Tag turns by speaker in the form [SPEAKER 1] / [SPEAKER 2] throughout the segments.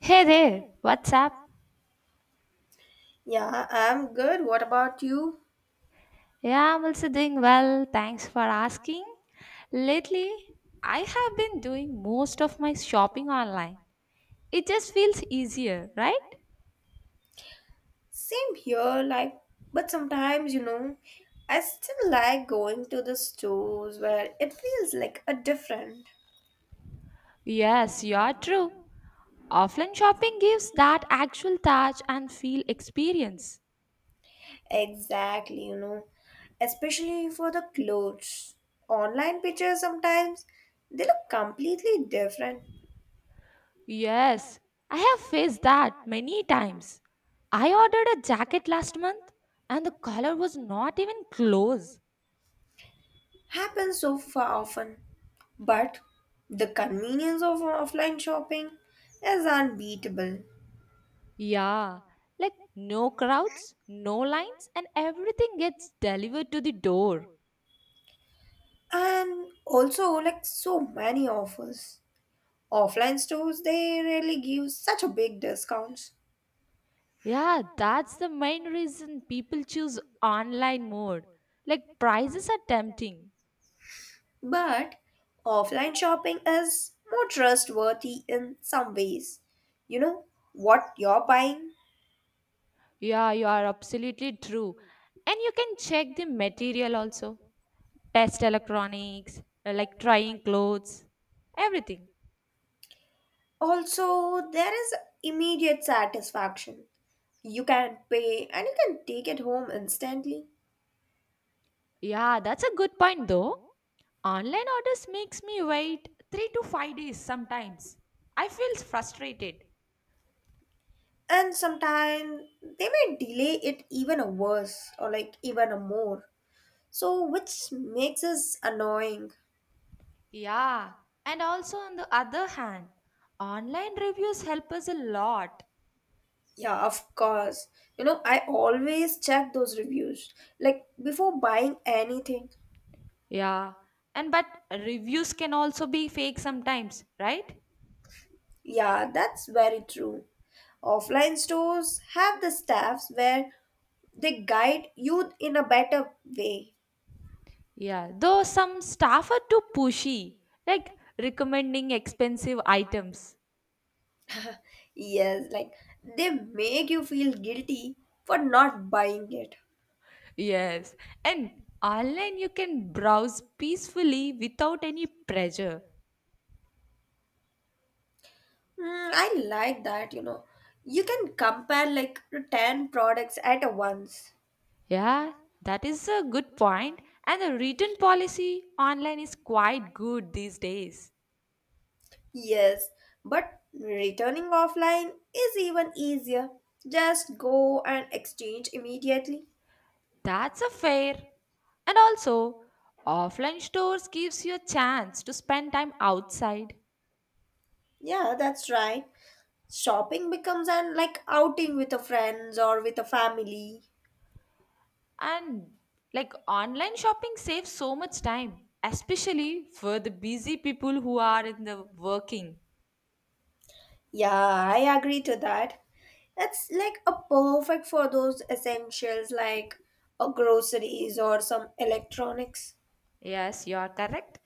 [SPEAKER 1] Hey there, what's up?
[SPEAKER 2] Yeah, I'm good. What about you?
[SPEAKER 1] Yeah, I'm also doing well. Thanks for asking. Lately, I have been doing most of my shopping online. It just feels easier, right?
[SPEAKER 2] Same here, but sometimes, I still like going to the stores where it feels like a different.
[SPEAKER 1] Yes, you're true. Offline shopping gives that actual touch and feel experience.
[SPEAKER 2] Exactly, especially for the clothes. Online pictures sometimes they look completely different.
[SPEAKER 1] Yes, I have faced that many times. I ordered a jacket last month and the color was not even close.
[SPEAKER 2] Happens so far often. But the convenience of offline shopping is unbeatable.
[SPEAKER 1] Yeah, like no crowds, no lines, and everything gets delivered to the door.
[SPEAKER 2] And also, like, so many offers. Offline stores they rarely give such a big discounts,
[SPEAKER 1] Yeah, that's the main reason people choose online mode. Like prices are tempting.
[SPEAKER 2] but offline shopping is more trustworthy in some ways. You know what you're buying.
[SPEAKER 1] Yeah, you are absolutely true. And you can check the material also. Test electronics, like trying clothes, everything.
[SPEAKER 2] Also, there is immediate satisfaction. You can pay and you can take it home instantly.
[SPEAKER 1] Yeah, that's a good point though. Online orders makes me wait 3 to 5 days sometimes. I feel frustrated.
[SPEAKER 2] And sometimes they may delay it even a worse or like even a more. So which makes us annoying.
[SPEAKER 1] Yeah, and also on the other hand, online reviews help us a lot.
[SPEAKER 2] Yeah, of course. You know, I always check those reviews. Like before buying anything.
[SPEAKER 1] Yeah, and but reviews can also be fake sometimes, right?
[SPEAKER 2] Yeah, that's very true. Offline stores have the staffs where they guide you in a better way.
[SPEAKER 1] Yeah, though some staff are too pushy, like recommending expensive items.
[SPEAKER 2] Yes, like they make you feel guilty for not buying it.
[SPEAKER 1] Yes, and online you can browse peacefully without any pressure.
[SPEAKER 2] Hmm, I like that, you know. You can compare like 10 products at a once.
[SPEAKER 1] Yeah, that is a good point. And the return policy online is quite good these days.
[SPEAKER 2] Yes, but returning offline is even easier. Just go and exchange immediately.
[SPEAKER 1] That's a fair. And also, offline stores gives you a chance to spend time outside.
[SPEAKER 2] Yeah, that's right. Shopping becomes an like outing with a friends or with a family.
[SPEAKER 1] And like online shopping saves so much time, especially for the busy people who are in the working.
[SPEAKER 2] Yeah, I agree to that. It's like a perfect for those essentials like groceries or some electronics.
[SPEAKER 1] Yes, you are correct.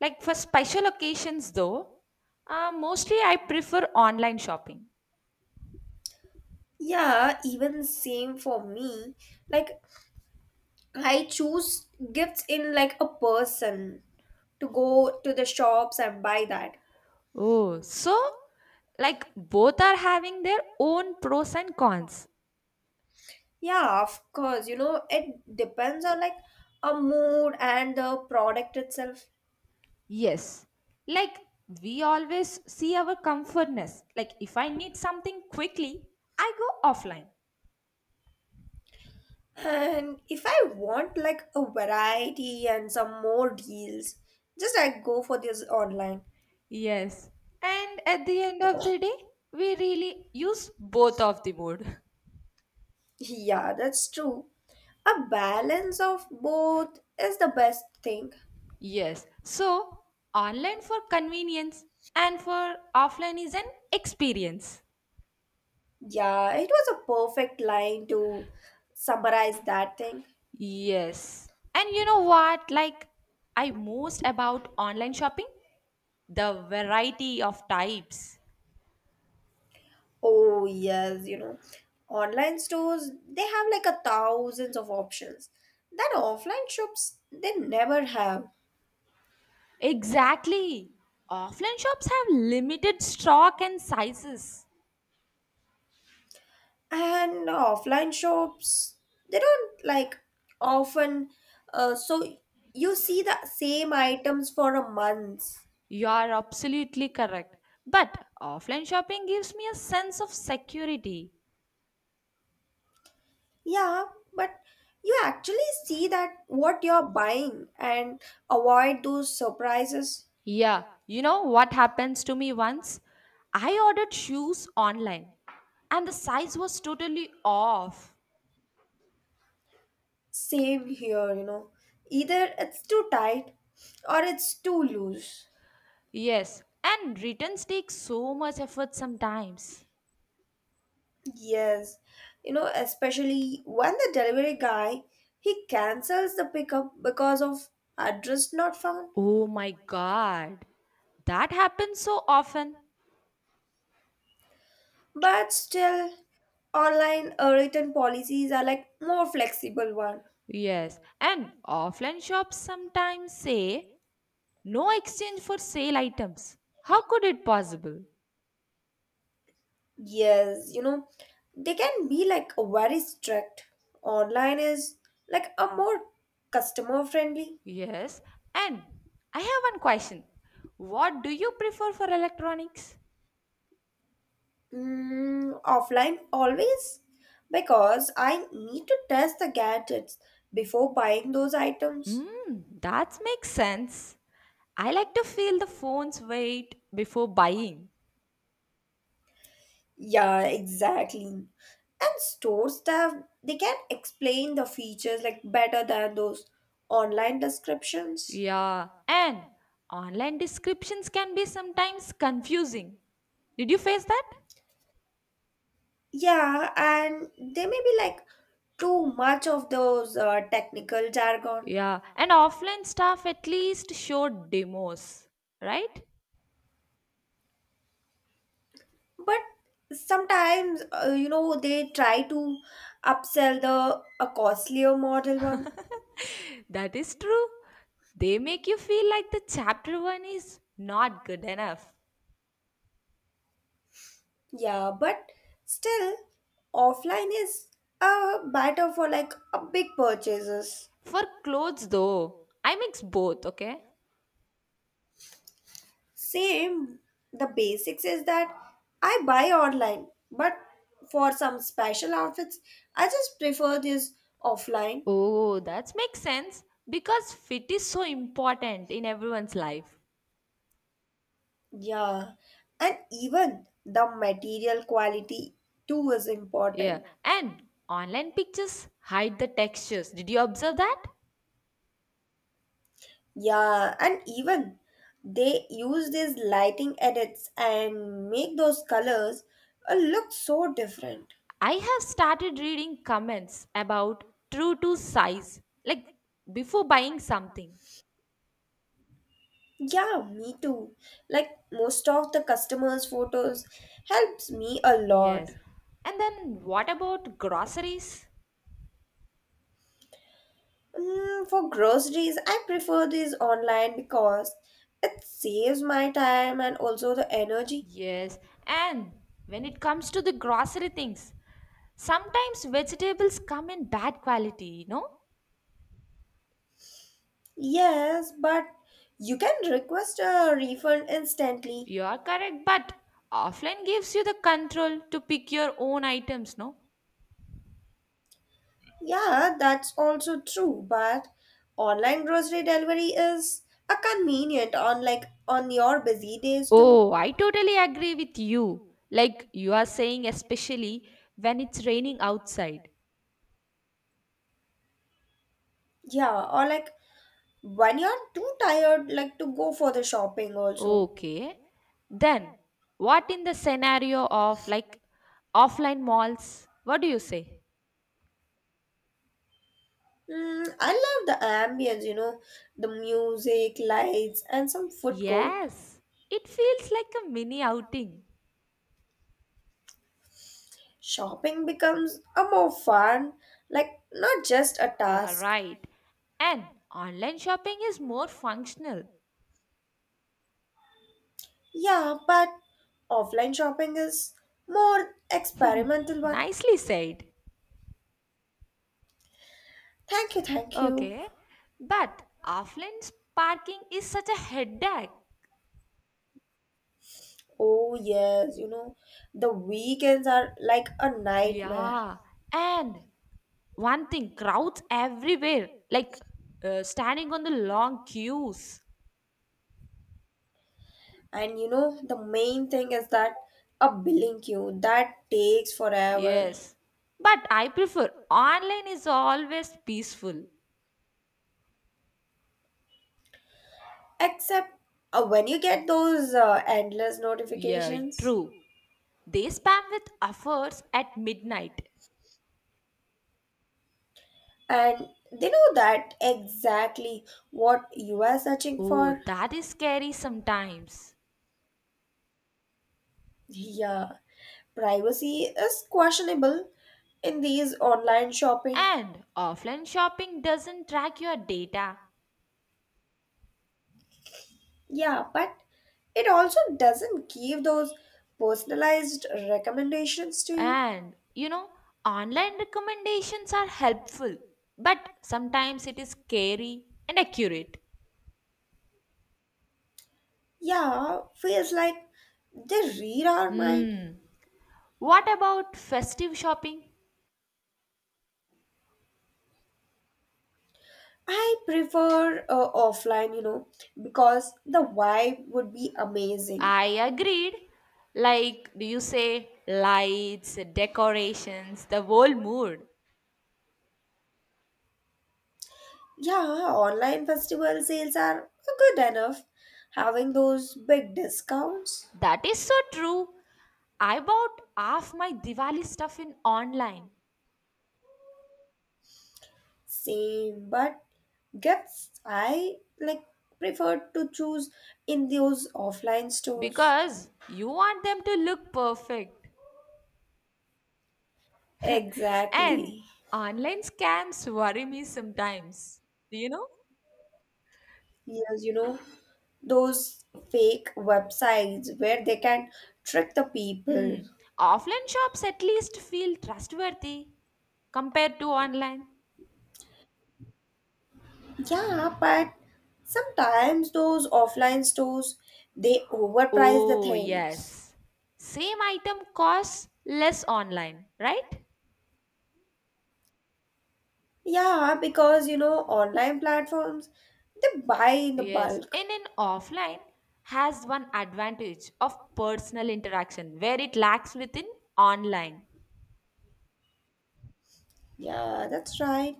[SPEAKER 1] Like for special occasions though, mostly I prefer online shopping.
[SPEAKER 2] Yeah, even same for me. Like I choose gifts in like a person to go to the shops and buy that.
[SPEAKER 1] Oh, so like both are having their own pros and cons.
[SPEAKER 2] Yeah, of course. You know, it depends on like a mood and the product itself.
[SPEAKER 1] Yes. Like we always see our comfortness. Like if I need something quickly, I go offline.
[SPEAKER 2] And if I want like a variety and some more deals, just I go for this online.
[SPEAKER 1] Yes. And at the end of the day, we really use both of the mode.
[SPEAKER 2] Yeah, that's true. A balance of both is the best thing.
[SPEAKER 1] Yes. So online for convenience and for offline is an experience.
[SPEAKER 2] Yeah, it was a perfect line to summarize that thing.
[SPEAKER 1] Yes. And you know what? Like I most about online shopping? The variety of types.
[SPEAKER 2] Oh yes, you know, online stores they have like a thousands of options that offline shops they never have.
[SPEAKER 1] Exactly. Offline shops have limited stock and sizes.
[SPEAKER 2] And offline shops they don't like often so you see the same items for a month.
[SPEAKER 1] You are absolutely correct. But offline shopping gives me a sense of security.
[SPEAKER 2] Yeah, but you actually see that what you're buying and avoid those surprises.
[SPEAKER 1] Yeah, you know what happens to me once? I ordered shoes online and the size was totally off.
[SPEAKER 2] Same here, you know. Either it's too tight or it's too loose.
[SPEAKER 1] Yes, and returns take so much effort sometimes.
[SPEAKER 2] Yes, you know, especially when the delivery guy he cancels the pickup because of address not found.
[SPEAKER 1] Oh my god, that happens so often.
[SPEAKER 2] But still, online written policies are like more flexible one.
[SPEAKER 1] Yes, and offline shops sometimes say no exchange for sale items. How could it possible?
[SPEAKER 2] Yes, you know, they can be like very strict. Online is like a more customer friendly.
[SPEAKER 1] Yes, and I have one question. What do you prefer for electronics?
[SPEAKER 2] Mm, offline always because I need to test the gadgets before buying those items.
[SPEAKER 1] Hmm, that makes sense. I like to feel the phone's weight before buying.
[SPEAKER 2] Yeah, exactly. And store staff, they can explain the features like better than those online descriptions.
[SPEAKER 1] Yeah, and online descriptions can be sometimes confusing. Did you face that?
[SPEAKER 2] Yeah, and they may be like too much of those technical jargon,
[SPEAKER 1] Yeah, and offline stuff at least showed demos, right?
[SPEAKER 2] but sometimes you know they try to upsell the a costlier model one.
[SPEAKER 1] That is true. They make you feel like the chapter one is not good enough.
[SPEAKER 2] Yeah, but still offline is better for like a big purchases.
[SPEAKER 1] For clothes, though, I mix both, okay?
[SPEAKER 2] Same, the basics is that I buy online, but for some special outfits, I just prefer this offline.
[SPEAKER 1] Oh, that makes sense because fit is so important in everyone's life.
[SPEAKER 2] Yeah, and even the material quality too is
[SPEAKER 1] Yeah,
[SPEAKER 2] important.
[SPEAKER 1] and online pictures hide the textures. Did you observe that?
[SPEAKER 2] Yeah, and even they use these lighting edits and make those colors look so different.
[SPEAKER 1] I have started reading comments about true to size, like before buying something.
[SPEAKER 2] Yeah, me too. Like most of the customers' photos helps me a lot.
[SPEAKER 1] Yes. And then what about groceries?
[SPEAKER 2] Mm, for groceries, I prefer these online because it saves my time and also the energy.
[SPEAKER 1] Yes, and when it comes to the grocery things, sometimes vegetables come in bad quality, you know?
[SPEAKER 2] Yes, but you can request a refund instantly.
[SPEAKER 1] You are correct, but offline gives you the control to pick your own items, no?
[SPEAKER 2] Yeah, that's also true, but online grocery delivery is a convenient on like on your busy days too.
[SPEAKER 1] Oh, I totally agree with you. Like you are saying, especially when it's raining outside.
[SPEAKER 2] Yeah, or like when you're too tired like to go for the shopping also.
[SPEAKER 1] Okay, then what in the scenario of like offline malls? What do you say?
[SPEAKER 2] Mm, I love the ambience, you know, the music, lights, and some food court.
[SPEAKER 1] Yes, it feels like a mini outing
[SPEAKER 2] Shopping becomes a more fun, like not just a
[SPEAKER 1] You are
[SPEAKER 2] task.
[SPEAKER 1] right. And online shopping is more functional.
[SPEAKER 2] Yeah, but offline shopping is more experimental one.
[SPEAKER 1] Nicely said.
[SPEAKER 2] Thank you, thank you.
[SPEAKER 1] Okay. But offline parking is such a headache.
[SPEAKER 2] Oh yes, you know, the weekends are like a nightmare.
[SPEAKER 1] Yeah. And one thing crowds everywhere, like standing on the long queues.
[SPEAKER 2] And you know, the main thing is that a billing queue that takes forever.
[SPEAKER 1] Yes. But I prefer online is always peaceful.
[SPEAKER 2] Except when you get those endless
[SPEAKER 1] Yeah,
[SPEAKER 2] notifications,
[SPEAKER 1] true. They spam with offers at midnight.
[SPEAKER 2] and they know that exactly what you are searching
[SPEAKER 1] Oh,
[SPEAKER 2] for.
[SPEAKER 1] that is scary sometimes.
[SPEAKER 2] Yeah, privacy is questionable in these online shopping.
[SPEAKER 1] And offline shopping doesn't track your data.
[SPEAKER 2] Yeah, but it also doesn't give those personalized recommendations to you.
[SPEAKER 1] And you know, online recommendations are helpful, but sometimes it is scary and accurate.
[SPEAKER 2] Yeah, feels like they read our mind.
[SPEAKER 1] What about festive shopping?
[SPEAKER 2] I prefer offline, you know, because the vibe would be amazing.
[SPEAKER 1] I agreed. Like, do you say lights, decorations, the whole mood?
[SPEAKER 2] Yeah, online festival sales are good enough. Having those big discounts,
[SPEAKER 1] That is so true. I bought half my Diwali stuff in online
[SPEAKER 2] same, but gifts I like prefer to choose in those offline stores.
[SPEAKER 1] because you want them to look perfect. And
[SPEAKER 2] Exactly.
[SPEAKER 1] online scams worry me sometimes. Do you know?
[SPEAKER 2] Yes, you know, those fake websites where they can trick the people.
[SPEAKER 1] Mm. Offline shops at least feel trustworthy compared to online.
[SPEAKER 2] Yeah, but sometimes those offline stores they overprice the
[SPEAKER 1] Oh,
[SPEAKER 2] things.
[SPEAKER 1] yes. Same item costs less online, right?
[SPEAKER 2] Yeah, because you know online platforms they buy in the
[SPEAKER 1] Yes.
[SPEAKER 2] bulk.
[SPEAKER 1] And in offline has one advantage of personal interaction where it lacks within online.
[SPEAKER 2] Yeah, that's right.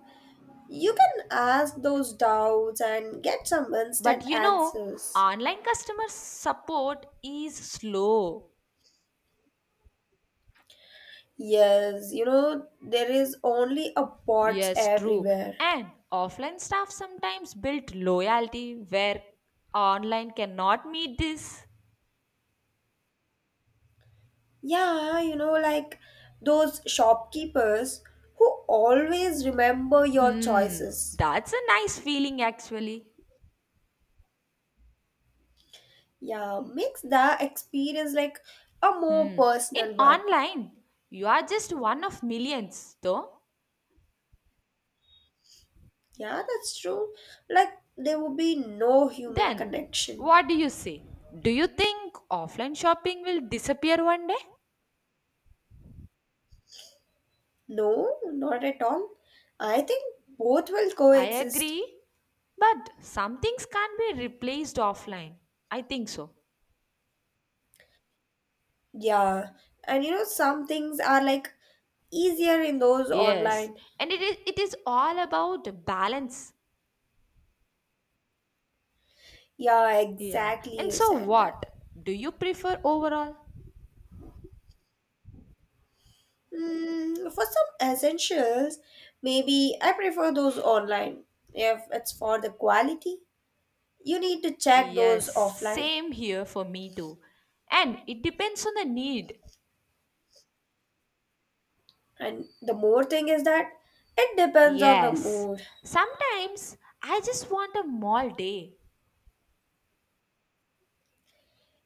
[SPEAKER 2] You can ask those doubts and get some
[SPEAKER 1] But
[SPEAKER 2] instant
[SPEAKER 1] you know,
[SPEAKER 2] answers.
[SPEAKER 1] online customer support is slow
[SPEAKER 2] Yes, you know there is only a bots
[SPEAKER 1] Yes, true.
[SPEAKER 2] everywhere.
[SPEAKER 1] And offline staff sometimes build loyalty where online cannot meet this.
[SPEAKER 2] Yeah, you know like those shopkeepers who always remember your
[SPEAKER 1] Hmm,
[SPEAKER 2] choices.
[SPEAKER 1] that's a nice feeling actually.
[SPEAKER 2] Yeah, makes the experience like a more
[SPEAKER 1] Hmm. In
[SPEAKER 2] personal one.
[SPEAKER 1] online, you are just one of millions though.
[SPEAKER 2] Yeah, that's true. Like there would be no human
[SPEAKER 1] Then,
[SPEAKER 2] connection.
[SPEAKER 1] what do you say? Do you think offline shopping will disappear one day?
[SPEAKER 2] No, not at all. I think both will
[SPEAKER 1] I
[SPEAKER 2] coexist.
[SPEAKER 1] agree, but some things can't be replaced offline. I think so.
[SPEAKER 2] Yeah, and you know some things are like easier in those
[SPEAKER 1] Yes,
[SPEAKER 2] online.
[SPEAKER 1] and it is all about balance.
[SPEAKER 2] Yeah,
[SPEAKER 1] Yeah.
[SPEAKER 2] exactly.
[SPEAKER 1] And
[SPEAKER 2] You
[SPEAKER 1] so
[SPEAKER 2] said that.
[SPEAKER 1] what do you prefer overall?
[SPEAKER 2] Mm, for some essentials, maybe I prefer those online if it's for the quality you need to check those
[SPEAKER 1] Yes,
[SPEAKER 2] offline.
[SPEAKER 1] same here for me too. And it depends on the need.
[SPEAKER 2] And the more thing is that it depends on the
[SPEAKER 1] Yes.
[SPEAKER 2] mood.
[SPEAKER 1] Sometimes I just want a mall day.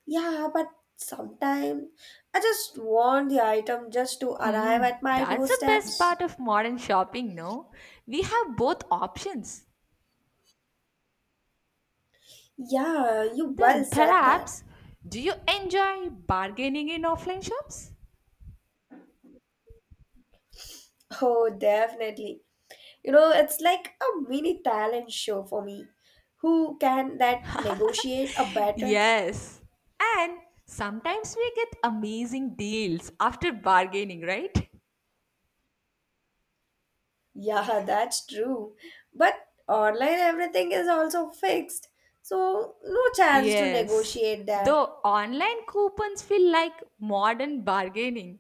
[SPEAKER 2] Yeah, but sometimes I just want the item just to arrive at my
[SPEAKER 1] That's the best
[SPEAKER 2] doorsteps.
[SPEAKER 1] part of modern shopping, no? We have both options.
[SPEAKER 2] Yeah, you well
[SPEAKER 1] Then
[SPEAKER 2] said that.
[SPEAKER 1] perhaps do you enjoy bargaining in offline shops?
[SPEAKER 2] Oh, definitely. You know, it's like a mini talent show for me. Who can that negotiate a better?
[SPEAKER 1] Yes. And sometimes we get amazing deals after bargaining, right?
[SPEAKER 2] Yeah, that's true. But online everything is also fixed. So no chance to
[SPEAKER 1] Yes.
[SPEAKER 2] negotiate there.
[SPEAKER 1] Though online coupons feel like modern bargaining.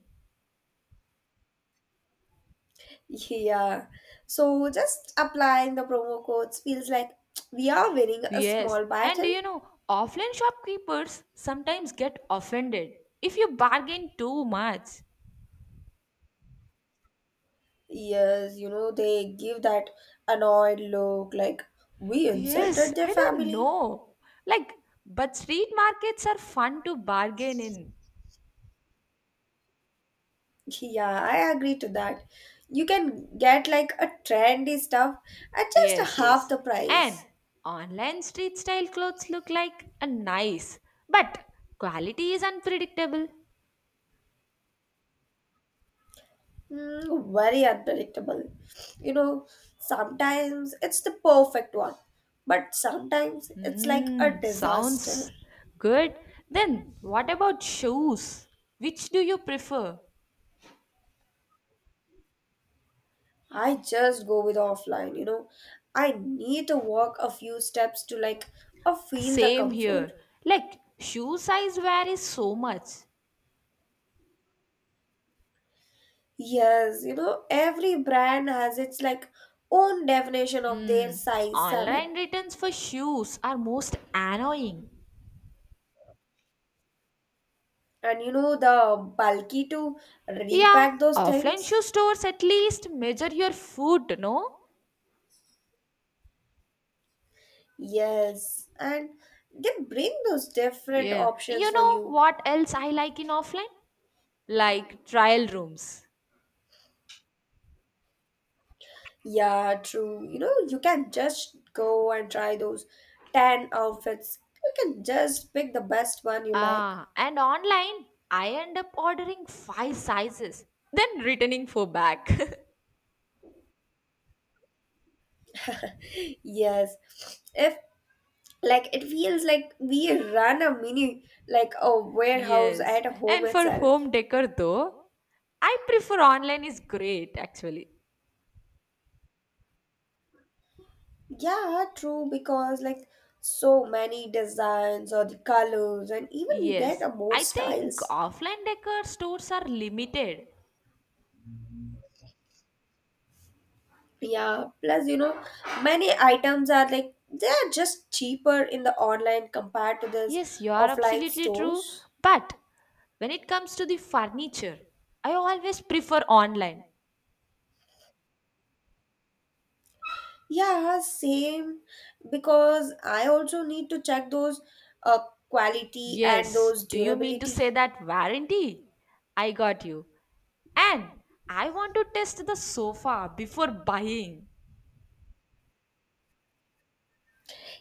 [SPEAKER 2] Yeah. So just applying the promo codes feels like we are winning a
[SPEAKER 1] Yes.
[SPEAKER 2] small
[SPEAKER 1] And do
[SPEAKER 2] battle.
[SPEAKER 1] you know, offline shopkeepers sometimes get offended if you bargain too much.
[SPEAKER 2] Yes, you know, they give that annoyed look like we
[SPEAKER 1] Yes,
[SPEAKER 2] insulted their
[SPEAKER 1] I don't
[SPEAKER 2] family.
[SPEAKER 1] know. Like, but street markets are fun to bargain in.
[SPEAKER 2] Yeah, I agree to that. You can get like a trendy stuff at
[SPEAKER 1] Yes,
[SPEAKER 2] just half
[SPEAKER 1] yes.
[SPEAKER 2] the
[SPEAKER 1] And
[SPEAKER 2] price.
[SPEAKER 1] online street style clothes look like a nice, but quality is unpredictable.
[SPEAKER 2] Hmm, very unpredictable. You know, sometimes it's the perfect one, but sometimes it's like a
[SPEAKER 1] Hmm,
[SPEAKER 2] disaster.
[SPEAKER 1] sounds good. Then what about shoes? Which do you prefer?
[SPEAKER 2] I just go with offline, you know. I need to walk a few steps to like feel the
[SPEAKER 1] Same
[SPEAKER 2] comfort.
[SPEAKER 1] here. Like shoe size varies so much.
[SPEAKER 2] Yes, you know, every brand has its like own definition of their size 7.
[SPEAKER 1] Online returns for shoes are most annoying.
[SPEAKER 2] And you know the bulky to
[SPEAKER 1] Yeah,
[SPEAKER 2] repack those
[SPEAKER 1] offline shoe
[SPEAKER 2] things?
[SPEAKER 1] stores at least measure your foot, no?
[SPEAKER 2] Yes, and they bring those different
[SPEAKER 1] Yeah.
[SPEAKER 2] options
[SPEAKER 1] You
[SPEAKER 2] for
[SPEAKER 1] know
[SPEAKER 2] you.
[SPEAKER 1] what else I like in offline? Like trial rooms.
[SPEAKER 2] Yeah, true. You know, you can just go and try those 10 outfits. You can just pick the best one you like.
[SPEAKER 1] Ah, and online, I end up ordering five sizes. Then returning for back.
[SPEAKER 2] Yes, if like it feels like we run a mini like a warehouse
[SPEAKER 1] Yes.
[SPEAKER 2] at home
[SPEAKER 1] And for
[SPEAKER 2] itself.
[SPEAKER 1] home decor though, I prefer online is great actually.
[SPEAKER 2] Yeah, true, because like so many designs or the colors and even you get a
[SPEAKER 1] Yes,
[SPEAKER 2] more
[SPEAKER 1] I think
[SPEAKER 2] styles.
[SPEAKER 1] offline decor stores are limited.
[SPEAKER 2] Yeah, plus you know many items are like they are just cheaper in the online compared to this
[SPEAKER 1] Yes, you are
[SPEAKER 2] offline
[SPEAKER 1] absolutely true.
[SPEAKER 2] stores.
[SPEAKER 1] But when it comes to the furniture, I always prefer online.
[SPEAKER 2] Yeah, same. Because I also need to check those uh, quality and
[SPEAKER 1] Yes,
[SPEAKER 2] those
[SPEAKER 1] do you mean to say
[SPEAKER 2] durability.
[SPEAKER 1] that warranty? I got you. And I want to test the sofa before buying.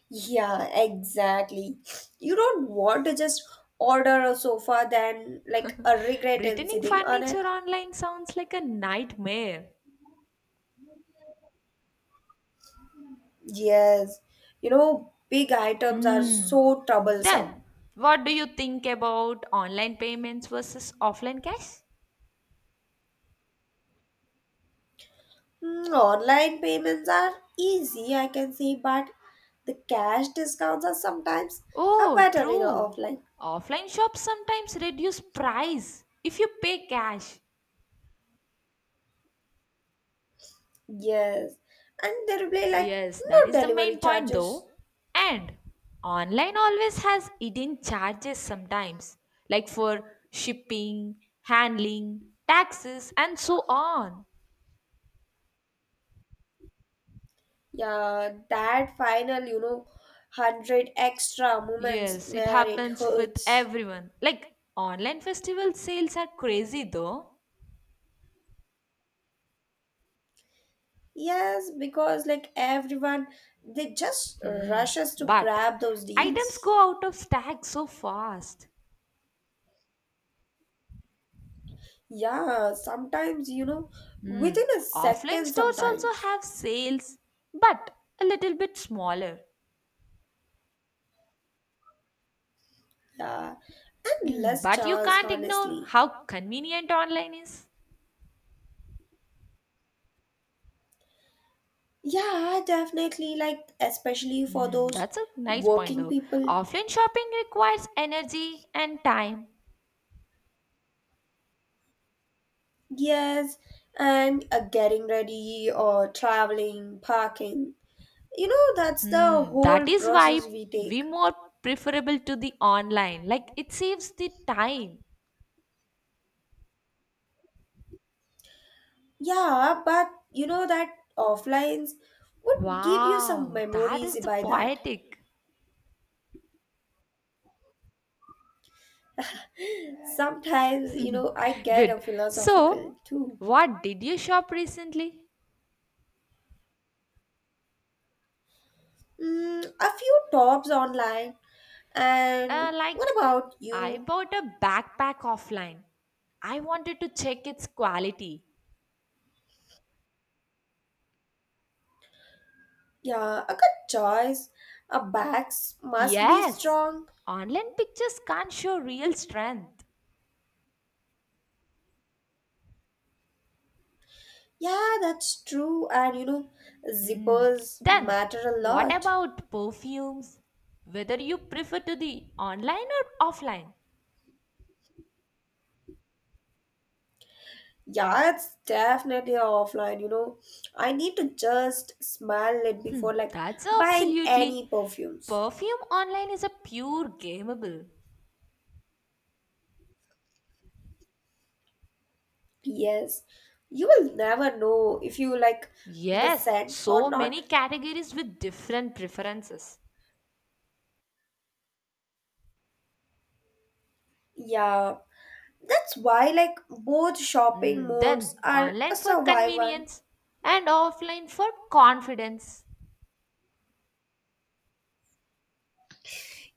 [SPEAKER 2] Yeah, exactly. You don't want to just order a sofa then like a regret in
[SPEAKER 1] Returning
[SPEAKER 2] sitting on it.
[SPEAKER 1] furniture online sounds like a nightmare.
[SPEAKER 2] Yes, you know, big items are so
[SPEAKER 1] Then,
[SPEAKER 2] troublesome.
[SPEAKER 1] what do you think about online payments versus offline cash?
[SPEAKER 2] Mm, online payments are easy, I can say, but the cash discounts are sometimes a
[SPEAKER 1] Oh,
[SPEAKER 2] better in
[SPEAKER 1] true.
[SPEAKER 2] offline.
[SPEAKER 1] Offline shops sometimes reduce price if you pay cash.
[SPEAKER 2] Yes, and they reply like
[SPEAKER 1] Yes, that
[SPEAKER 2] no
[SPEAKER 1] is the
[SPEAKER 2] delivery
[SPEAKER 1] main point
[SPEAKER 2] charges.
[SPEAKER 1] though. And online always has hidden charges sometimes, like for shipping, handling, taxes, and so on.
[SPEAKER 2] Yeah, that final, you know, hundred extra moments
[SPEAKER 1] Yes, it
[SPEAKER 2] where it
[SPEAKER 1] happens with
[SPEAKER 2] hurts.
[SPEAKER 1] everyone. Like online festival sales are crazy though,
[SPEAKER 2] Yes, because like everyone, they just rushes to
[SPEAKER 1] but
[SPEAKER 2] grab those
[SPEAKER 1] items
[SPEAKER 2] deals.
[SPEAKER 1] go out of stock so fast.
[SPEAKER 2] Yeah, sometimes, you know, within a
[SPEAKER 1] Offline
[SPEAKER 2] second,
[SPEAKER 1] stores also
[SPEAKER 2] sometimes.
[SPEAKER 1] have sales, but a little bit smaller.
[SPEAKER 2] Yeah, and
[SPEAKER 1] Hmm,
[SPEAKER 2] less
[SPEAKER 1] but you
[SPEAKER 2] chance,
[SPEAKER 1] can't ignore
[SPEAKER 2] honestly.
[SPEAKER 1] how convenient online is.
[SPEAKER 2] Yeah, definitely, like, especially for those
[SPEAKER 1] That's a nice point
[SPEAKER 2] working
[SPEAKER 1] though.
[SPEAKER 2] people.
[SPEAKER 1] Offline shopping requires energy and time.
[SPEAKER 2] Yes, and getting ready or traveling, parking. You know, that's the
[SPEAKER 1] Hmm,
[SPEAKER 2] whole
[SPEAKER 1] that is why
[SPEAKER 2] process we
[SPEAKER 1] we
[SPEAKER 2] take.
[SPEAKER 1] more preferable to the online. Like it saves the time.
[SPEAKER 2] Yeah, but you know that offlines would give you some
[SPEAKER 1] Wow, that
[SPEAKER 2] memories
[SPEAKER 1] is the
[SPEAKER 2] by that.
[SPEAKER 1] poetic.
[SPEAKER 2] Sometimes, you know, I get a
[SPEAKER 1] Good. So,
[SPEAKER 2] philosophical too.
[SPEAKER 1] what did you shop recently?
[SPEAKER 2] Mm, a few tops online.
[SPEAKER 1] Uh,
[SPEAKER 2] And what
[SPEAKER 1] like
[SPEAKER 2] about
[SPEAKER 1] I
[SPEAKER 2] you?
[SPEAKER 1] bought a backpack offline. I wanted to check its quality.
[SPEAKER 2] Yeah, a good choice. A bags must be
[SPEAKER 1] Yes,
[SPEAKER 2] strong.
[SPEAKER 1] online pictures can't show real strength.
[SPEAKER 2] Yeah, that's true. And you know, zippers
[SPEAKER 1] Then,
[SPEAKER 2] matter a
[SPEAKER 1] what
[SPEAKER 2] lot.
[SPEAKER 1] about perfumes? Whether you prefer to the online or offline?
[SPEAKER 2] Yeah, it's definitely a offline, you know. I need to just smell it before like
[SPEAKER 1] That's
[SPEAKER 2] buying any
[SPEAKER 1] absolutely.
[SPEAKER 2] perfumes.
[SPEAKER 1] Perfume online is a pure gameable.
[SPEAKER 2] Yes. You will never know if you like the
[SPEAKER 1] Yes,
[SPEAKER 2] scent or
[SPEAKER 1] so
[SPEAKER 2] not.
[SPEAKER 1] many categories with different preferences.
[SPEAKER 2] Yeah. That's why like both shopping
[SPEAKER 1] Mm,
[SPEAKER 2] modes
[SPEAKER 1] then,
[SPEAKER 2] are
[SPEAKER 1] online
[SPEAKER 2] a
[SPEAKER 1] for
[SPEAKER 2] survival.
[SPEAKER 1] convenience and offline for confidence.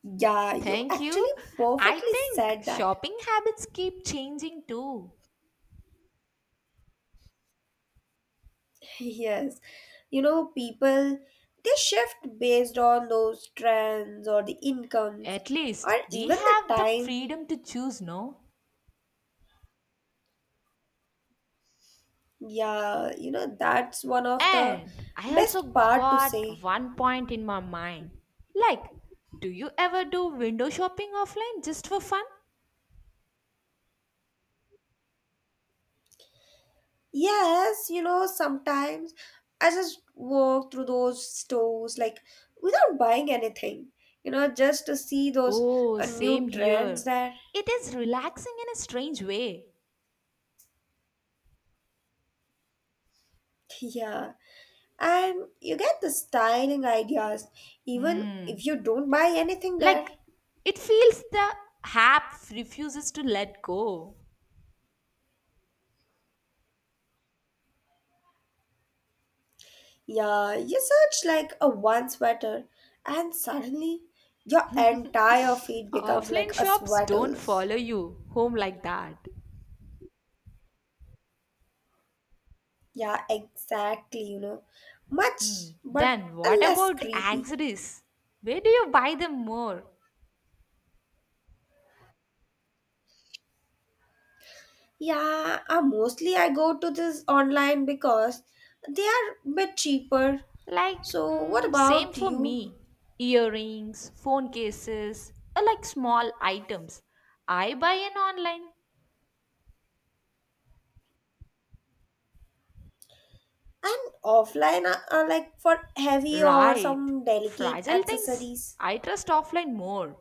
[SPEAKER 2] Yeah, you
[SPEAKER 1] Thank
[SPEAKER 2] actually
[SPEAKER 1] you. I
[SPEAKER 2] perfectly
[SPEAKER 1] think
[SPEAKER 2] said that.
[SPEAKER 1] shopping habits keep changing too.
[SPEAKER 2] Yes, you know, people they shift based on those trends or the incomes
[SPEAKER 1] At least
[SPEAKER 2] or
[SPEAKER 1] we
[SPEAKER 2] even the
[SPEAKER 1] have the
[SPEAKER 2] time.
[SPEAKER 1] freedom to choose, no?
[SPEAKER 2] Yeah, you know, that's one of the
[SPEAKER 1] And I also
[SPEAKER 2] best part to
[SPEAKER 1] got
[SPEAKER 2] say.
[SPEAKER 1] one point in my mind. Like, do you ever do window shopping offline just for fun?
[SPEAKER 2] Yes, you know, sometimes I just walk through those stores like without buying anything, you know, just to see those
[SPEAKER 1] Oh, same
[SPEAKER 2] new trends
[SPEAKER 1] here.
[SPEAKER 2] there.
[SPEAKER 1] It is relaxing in a strange way.
[SPEAKER 2] Yeah, and you get the styling ideas even if you don't buy anything there.
[SPEAKER 1] Like, it feels the app refuses to let go.
[SPEAKER 2] Yeah, you search like a one sweater, and suddenly your entire feed becomes like
[SPEAKER 1] Offline
[SPEAKER 2] a
[SPEAKER 1] shops don't
[SPEAKER 2] sweater's.
[SPEAKER 1] follow you home like that.
[SPEAKER 2] Yeah, exactly, you know.
[SPEAKER 1] Hmm.
[SPEAKER 2] Much, but
[SPEAKER 1] Then
[SPEAKER 2] a
[SPEAKER 1] what
[SPEAKER 2] less
[SPEAKER 1] about
[SPEAKER 2] creepy.
[SPEAKER 1] accessories? Where do you buy them more?
[SPEAKER 2] Yeah, mostly I go to this online because they are bit cheaper.
[SPEAKER 1] Like,
[SPEAKER 2] So, what
[SPEAKER 1] mm, same
[SPEAKER 2] about
[SPEAKER 1] for
[SPEAKER 2] you?
[SPEAKER 1] me. Earrings, phone cases are like small items. I buy in online.
[SPEAKER 2] And offline are, like for heavy or
[SPEAKER 1] Right.
[SPEAKER 2] some delicate
[SPEAKER 1] Fragile things.
[SPEAKER 2] accessories.
[SPEAKER 1] I trust offline more.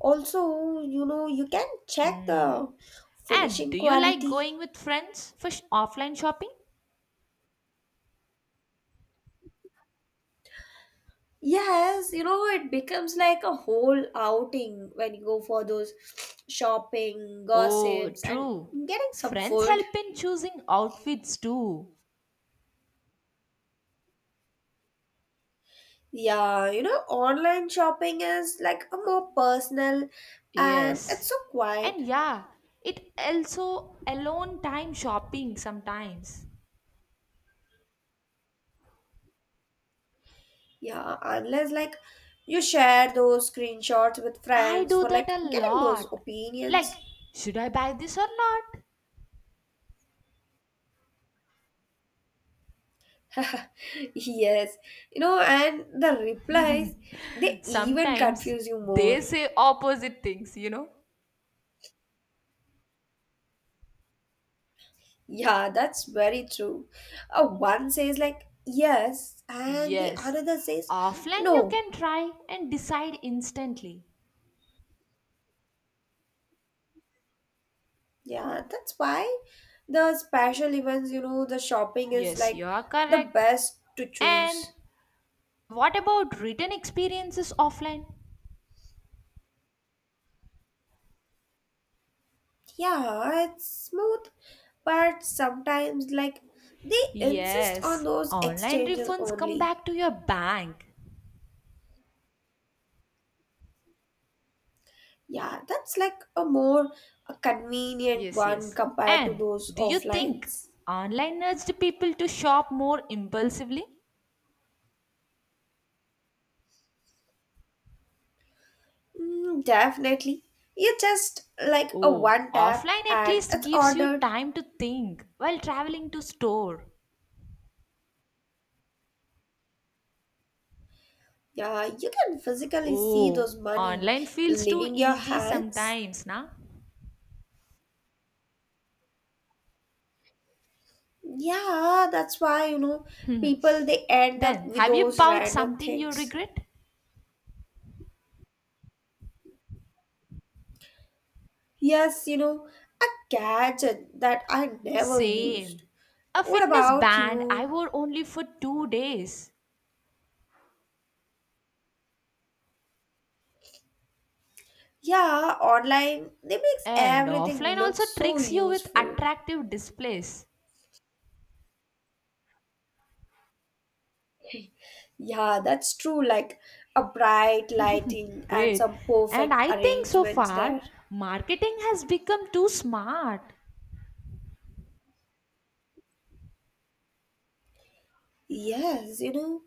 [SPEAKER 2] Also, you know, you can check the
[SPEAKER 1] And
[SPEAKER 2] finishing
[SPEAKER 1] do you like
[SPEAKER 2] quality.
[SPEAKER 1] going with friends for offline shopping?
[SPEAKER 2] Yes, you know, it becomes like a whole outing when you go for those shopping,
[SPEAKER 1] Oh,
[SPEAKER 2] gossips, and
[SPEAKER 1] true.
[SPEAKER 2] getting some
[SPEAKER 1] Friends
[SPEAKER 2] food.
[SPEAKER 1] help in choosing outfits too.
[SPEAKER 2] Yeah, you know, online shopping is like a more personal and
[SPEAKER 1] Yes.
[SPEAKER 2] it's so quiet.
[SPEAKER 1] And yeah, it also alone time shopping sometimes.
[SPEAKER 2] Yeah, unless like you share those screenshots with
[SPEAKER 1] I
[SPEAKER 2] friends
[SPEAKER 1] do
[SPEAKER 2] for
[SPEAKER 1] that
[SPEAKER 2] like
[SPEAKER 1] a
[SPEAKER 2] getting those
[SPEAKER 1] lot.
[SPEAKER 2] opinions.
[SPEAKER 1] Like, should I buy this or not?
[SPEAKER 2] Yes, you know, and the replies, they even
[SPEAKER 1] Sometimes
[SPEAKER 2] confuse you
[SPEAKER 1] they
[SPEAKER 2] more.
[SPEAKER 1] say opposite things, you know?
[SPEAKER 2] Yeah, that's very true. One says, like, yes, and the
[SPEAKER 1] Yes.
[SPEAKER 2] another says,
[SPEAKER 1] Offline, you
[SPEAKER 2] no.
[SPEAKER 1] can try and decide instantly.
[SPEAKER 2] Yeah, that's why the special events, you know, the shopping is
[SPEAKER 1] Yes, you
[SPEAKER 2] like
[SPEAKER 1] are
[SPEAKER 2] the
[SPEAKER 1] correct.
[SPEAKER 2] best to
[SPEAKER 1] And
[SPEAKER 2] choose.
[SPEAKER 1] what about written experiences offline?
[SPEAKER 2] Yeah, it's smooth, but sometimes, like, they insist on
[SPEAKER 1] Yes,
[SPEAKER 2] those
[SPEAKER 1] online
[SPEAKER 2] exchanges
[SPEAKER 1] refunds come
[SPEAKER 2] only.
[SPEAKER 1] back to your bank.
[SPEAKER 2] Yeah, that's like a more a convenient
[SPEAKER 1] Yes,
[SPEAKER 2] one
[SPEAKER 1] yes.
[SPEAKER 2] compared to
[SPEAKER 1] And
[SPEAKER 2] those
[SPEAKER 1] do you think
[SPEAKER 2] offlines.
[SPEAKER 1] online nudged people to shop more impulsively?
[SPEAKER 2] Mm, definitely. You just like a
[SPEAKER 1] Oh,
[SPEAKER 2] one tap
[SPEAKER 1] offline at
[SPEAKER 2] and
[SPEAKER 1] least
[SPEAKER 2] it's
[SPEAKER 1] gives you
[SPEAKER 2] ordered.
[SPEAKER 1] time to think while traveling to store.
[SPEAKER 2] Yeah, you can physically see
[SPEAKER 1] Oh,
[SPEAKER 2] those money
[SPEAKER 1] online feels too
[SPEAKER 2] leaving your
[SPEAKER 1] easy
[SPEAKER 2] hands.
[SPEAKER 1] sometimes, na?
[SPEAKER 2] Yeah, that's why you know people they end up
[SPEAKER 1] Then,
[SPEAKER 2] with
[SPEAKER 1] have you
[SPEAKER 2] those
[SPEAKER 1] bought
[SPEAKER 2] random
[SPEAKER 1] something you
[SPEAKER 2] things.
[SPEAKER 1] regret?
[SPEAKER 2] Yes, you know, a gadget that I never
[SPEAKER 1] Same.
[SPEAKER 2] used.
[SPEAKER 1] A
[SPEAKER 2] What
[SPEAKER 1] fitness
[SPEAKER 2] about
[SPEAKER 1] band I
[SPEAKER 2] you?
[SPEAKER 1] wore only for 2 days.
[SPEAKER 2] Yeah, online, they makes
[SPEAKER 1] And
[SPEAKER 2] everything
[SPEAKER 1] offline
[SPEAKER 2] look
[SPEAKER 1] also
[SPEAKER 2] so
[SPEAKER 1] tricks you with
[SPEAKER 2] useful.
[SPEAKER 1] attractive displays.
[SPEAKER 2] Yeah, that's true. Like a bright lighting and
[SPEAKER 1] Great.
[SPEAKER 2] some
[SPEAKER 1] And
[SPEAKER 2] perfect
[SPEAKER 1] I think so
[SPEAKER 2] arrangements
[SPEAKER 1] far,
[SPEAKER 2] there.
[SPEAKER 1] marketing has become too smart.
[SPEAKER 2] Yes, you know,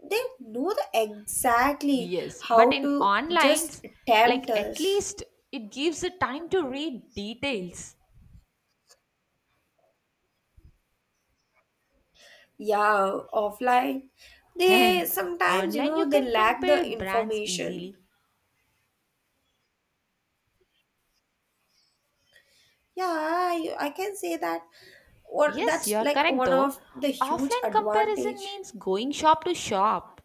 [SPEAKER 2] they know the exactly
[SPEAKER 1] Yes, but
[SPEAKER 2] how
[SPEAKER 1] in
[SPEAKER 2] to
[SPEAKER 1] onlines,
[SPEAKER 2] just
[SPEAKER 1] like
[SPEAKER 2] tempt
[SPEAKER 1] at
[SPEAKER 2] us.
[SPEAKER 1] least it gives the time to read details.
[SPEAKER 2] Yeah, offline, they
[SPEAKER 1] And
[SPEAKER 2] sometimes, you
[SPEAKER 1] online, you
[SPEAKER 2] know, they
[SPEAKER 1] can
[SPEAKER 2] lack the
[SPEAKER 1] compare brands
[SPEAKER 2] information.
[SPEAKER 1] easily.
[SPEAKER 2] Yeah, I can say that. What
[SPEAKER 1] Yes, you
[SPEAKER 2] that's
[SPEAKER 1] are
[SPEAKER 2] like
[SPEAKER 1] correct
[SPEAKER 2] one
[SPEAKER 1] though.
[SPEAKER 2] of the huge
[SPEAKER 1] Offline comparison
[SPEAKER 2] advantage.
[SPEAKER 1] means going shop to shop.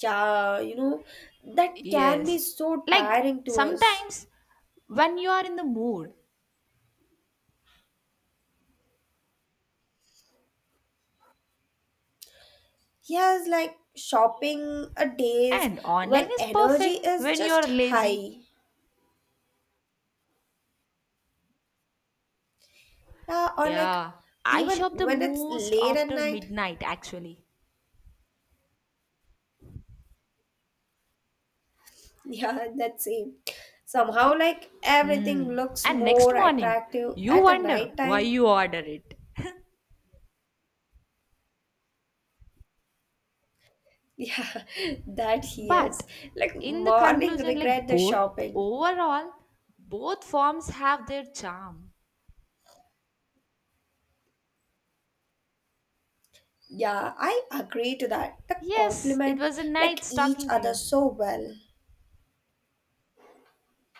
[SPEAKER 2] Yeah, you know, that can be
[SPEAKER 1] Yes,
[SPEAKER 2] so
[SPEAKER 1] like
[SPEAKER 2] tiring to us.
[SPEAKER 1] sometimes when you are in the mood,
[SPEAKER 2] Yes, like shopping a days
[SPEAKER 1] and online
[SPEAKER 2] when
[SPEAKER 1] is
[SPEAKER 2] energy
[SPEAKER 1] perfect
[SPEAKER 2] is
[SPEAKER 1] when you
[SPEAKER 2] just
[SPEAKER 1] are lazy.
[SPEAKER 2] high. Yeah, or like
[SPEAKER 1] Yeah, I
[SPEAKER 2] even
[SPEAKER 1] shop the
[SPEAKER 2] when it's
[SPEAKER 1] most
[SPEAKER 2] late at
[SPEAKER 1] after
[SPEAKER 2] night.
[SPEAKER 1] midnight actually.
[SPEAKER 2] Yeah, that's same. Somehow like everything looks
[SPEAKER 1] And next
[SPEAKER 2] more
[SPEAKER 1] morning,
[SPEAKER 2] attractive
[SPEAKER 1] you
[SPEAKER 2] at the night
[SPEAKER 1] wonder why
[SPEAKER 2] time.
[SPEAKER 1] you order it.
[SPEAKER 2] Yeah, that he
[SPEAKER 1] But
[SPEAKER 2] is. Like
[SPEAKER 1] in the
[SPEAKER 2] morning
[SPEAKER 1] conclusion, like
[SPEAKER 2] regret the
[SPEAKER 1] both
[SPEAKER 2] shopping.
[SPEAKER 1] overall, both forms have their charm.
[SPEAKER 2] Yeah, I agree to that. The
[SPEAKER 1] Yes, it
[SPEAKER 2] compliment
[SPEAKER 1] was a
[SPEAKER 2] like
[SPEAKER 1] nice
[SPEAKER 2] each
[SPEAKER 1] talking to
[SPEAKER 2] other
[SPEAKER 1] you.
[SPEAKER 2] so well.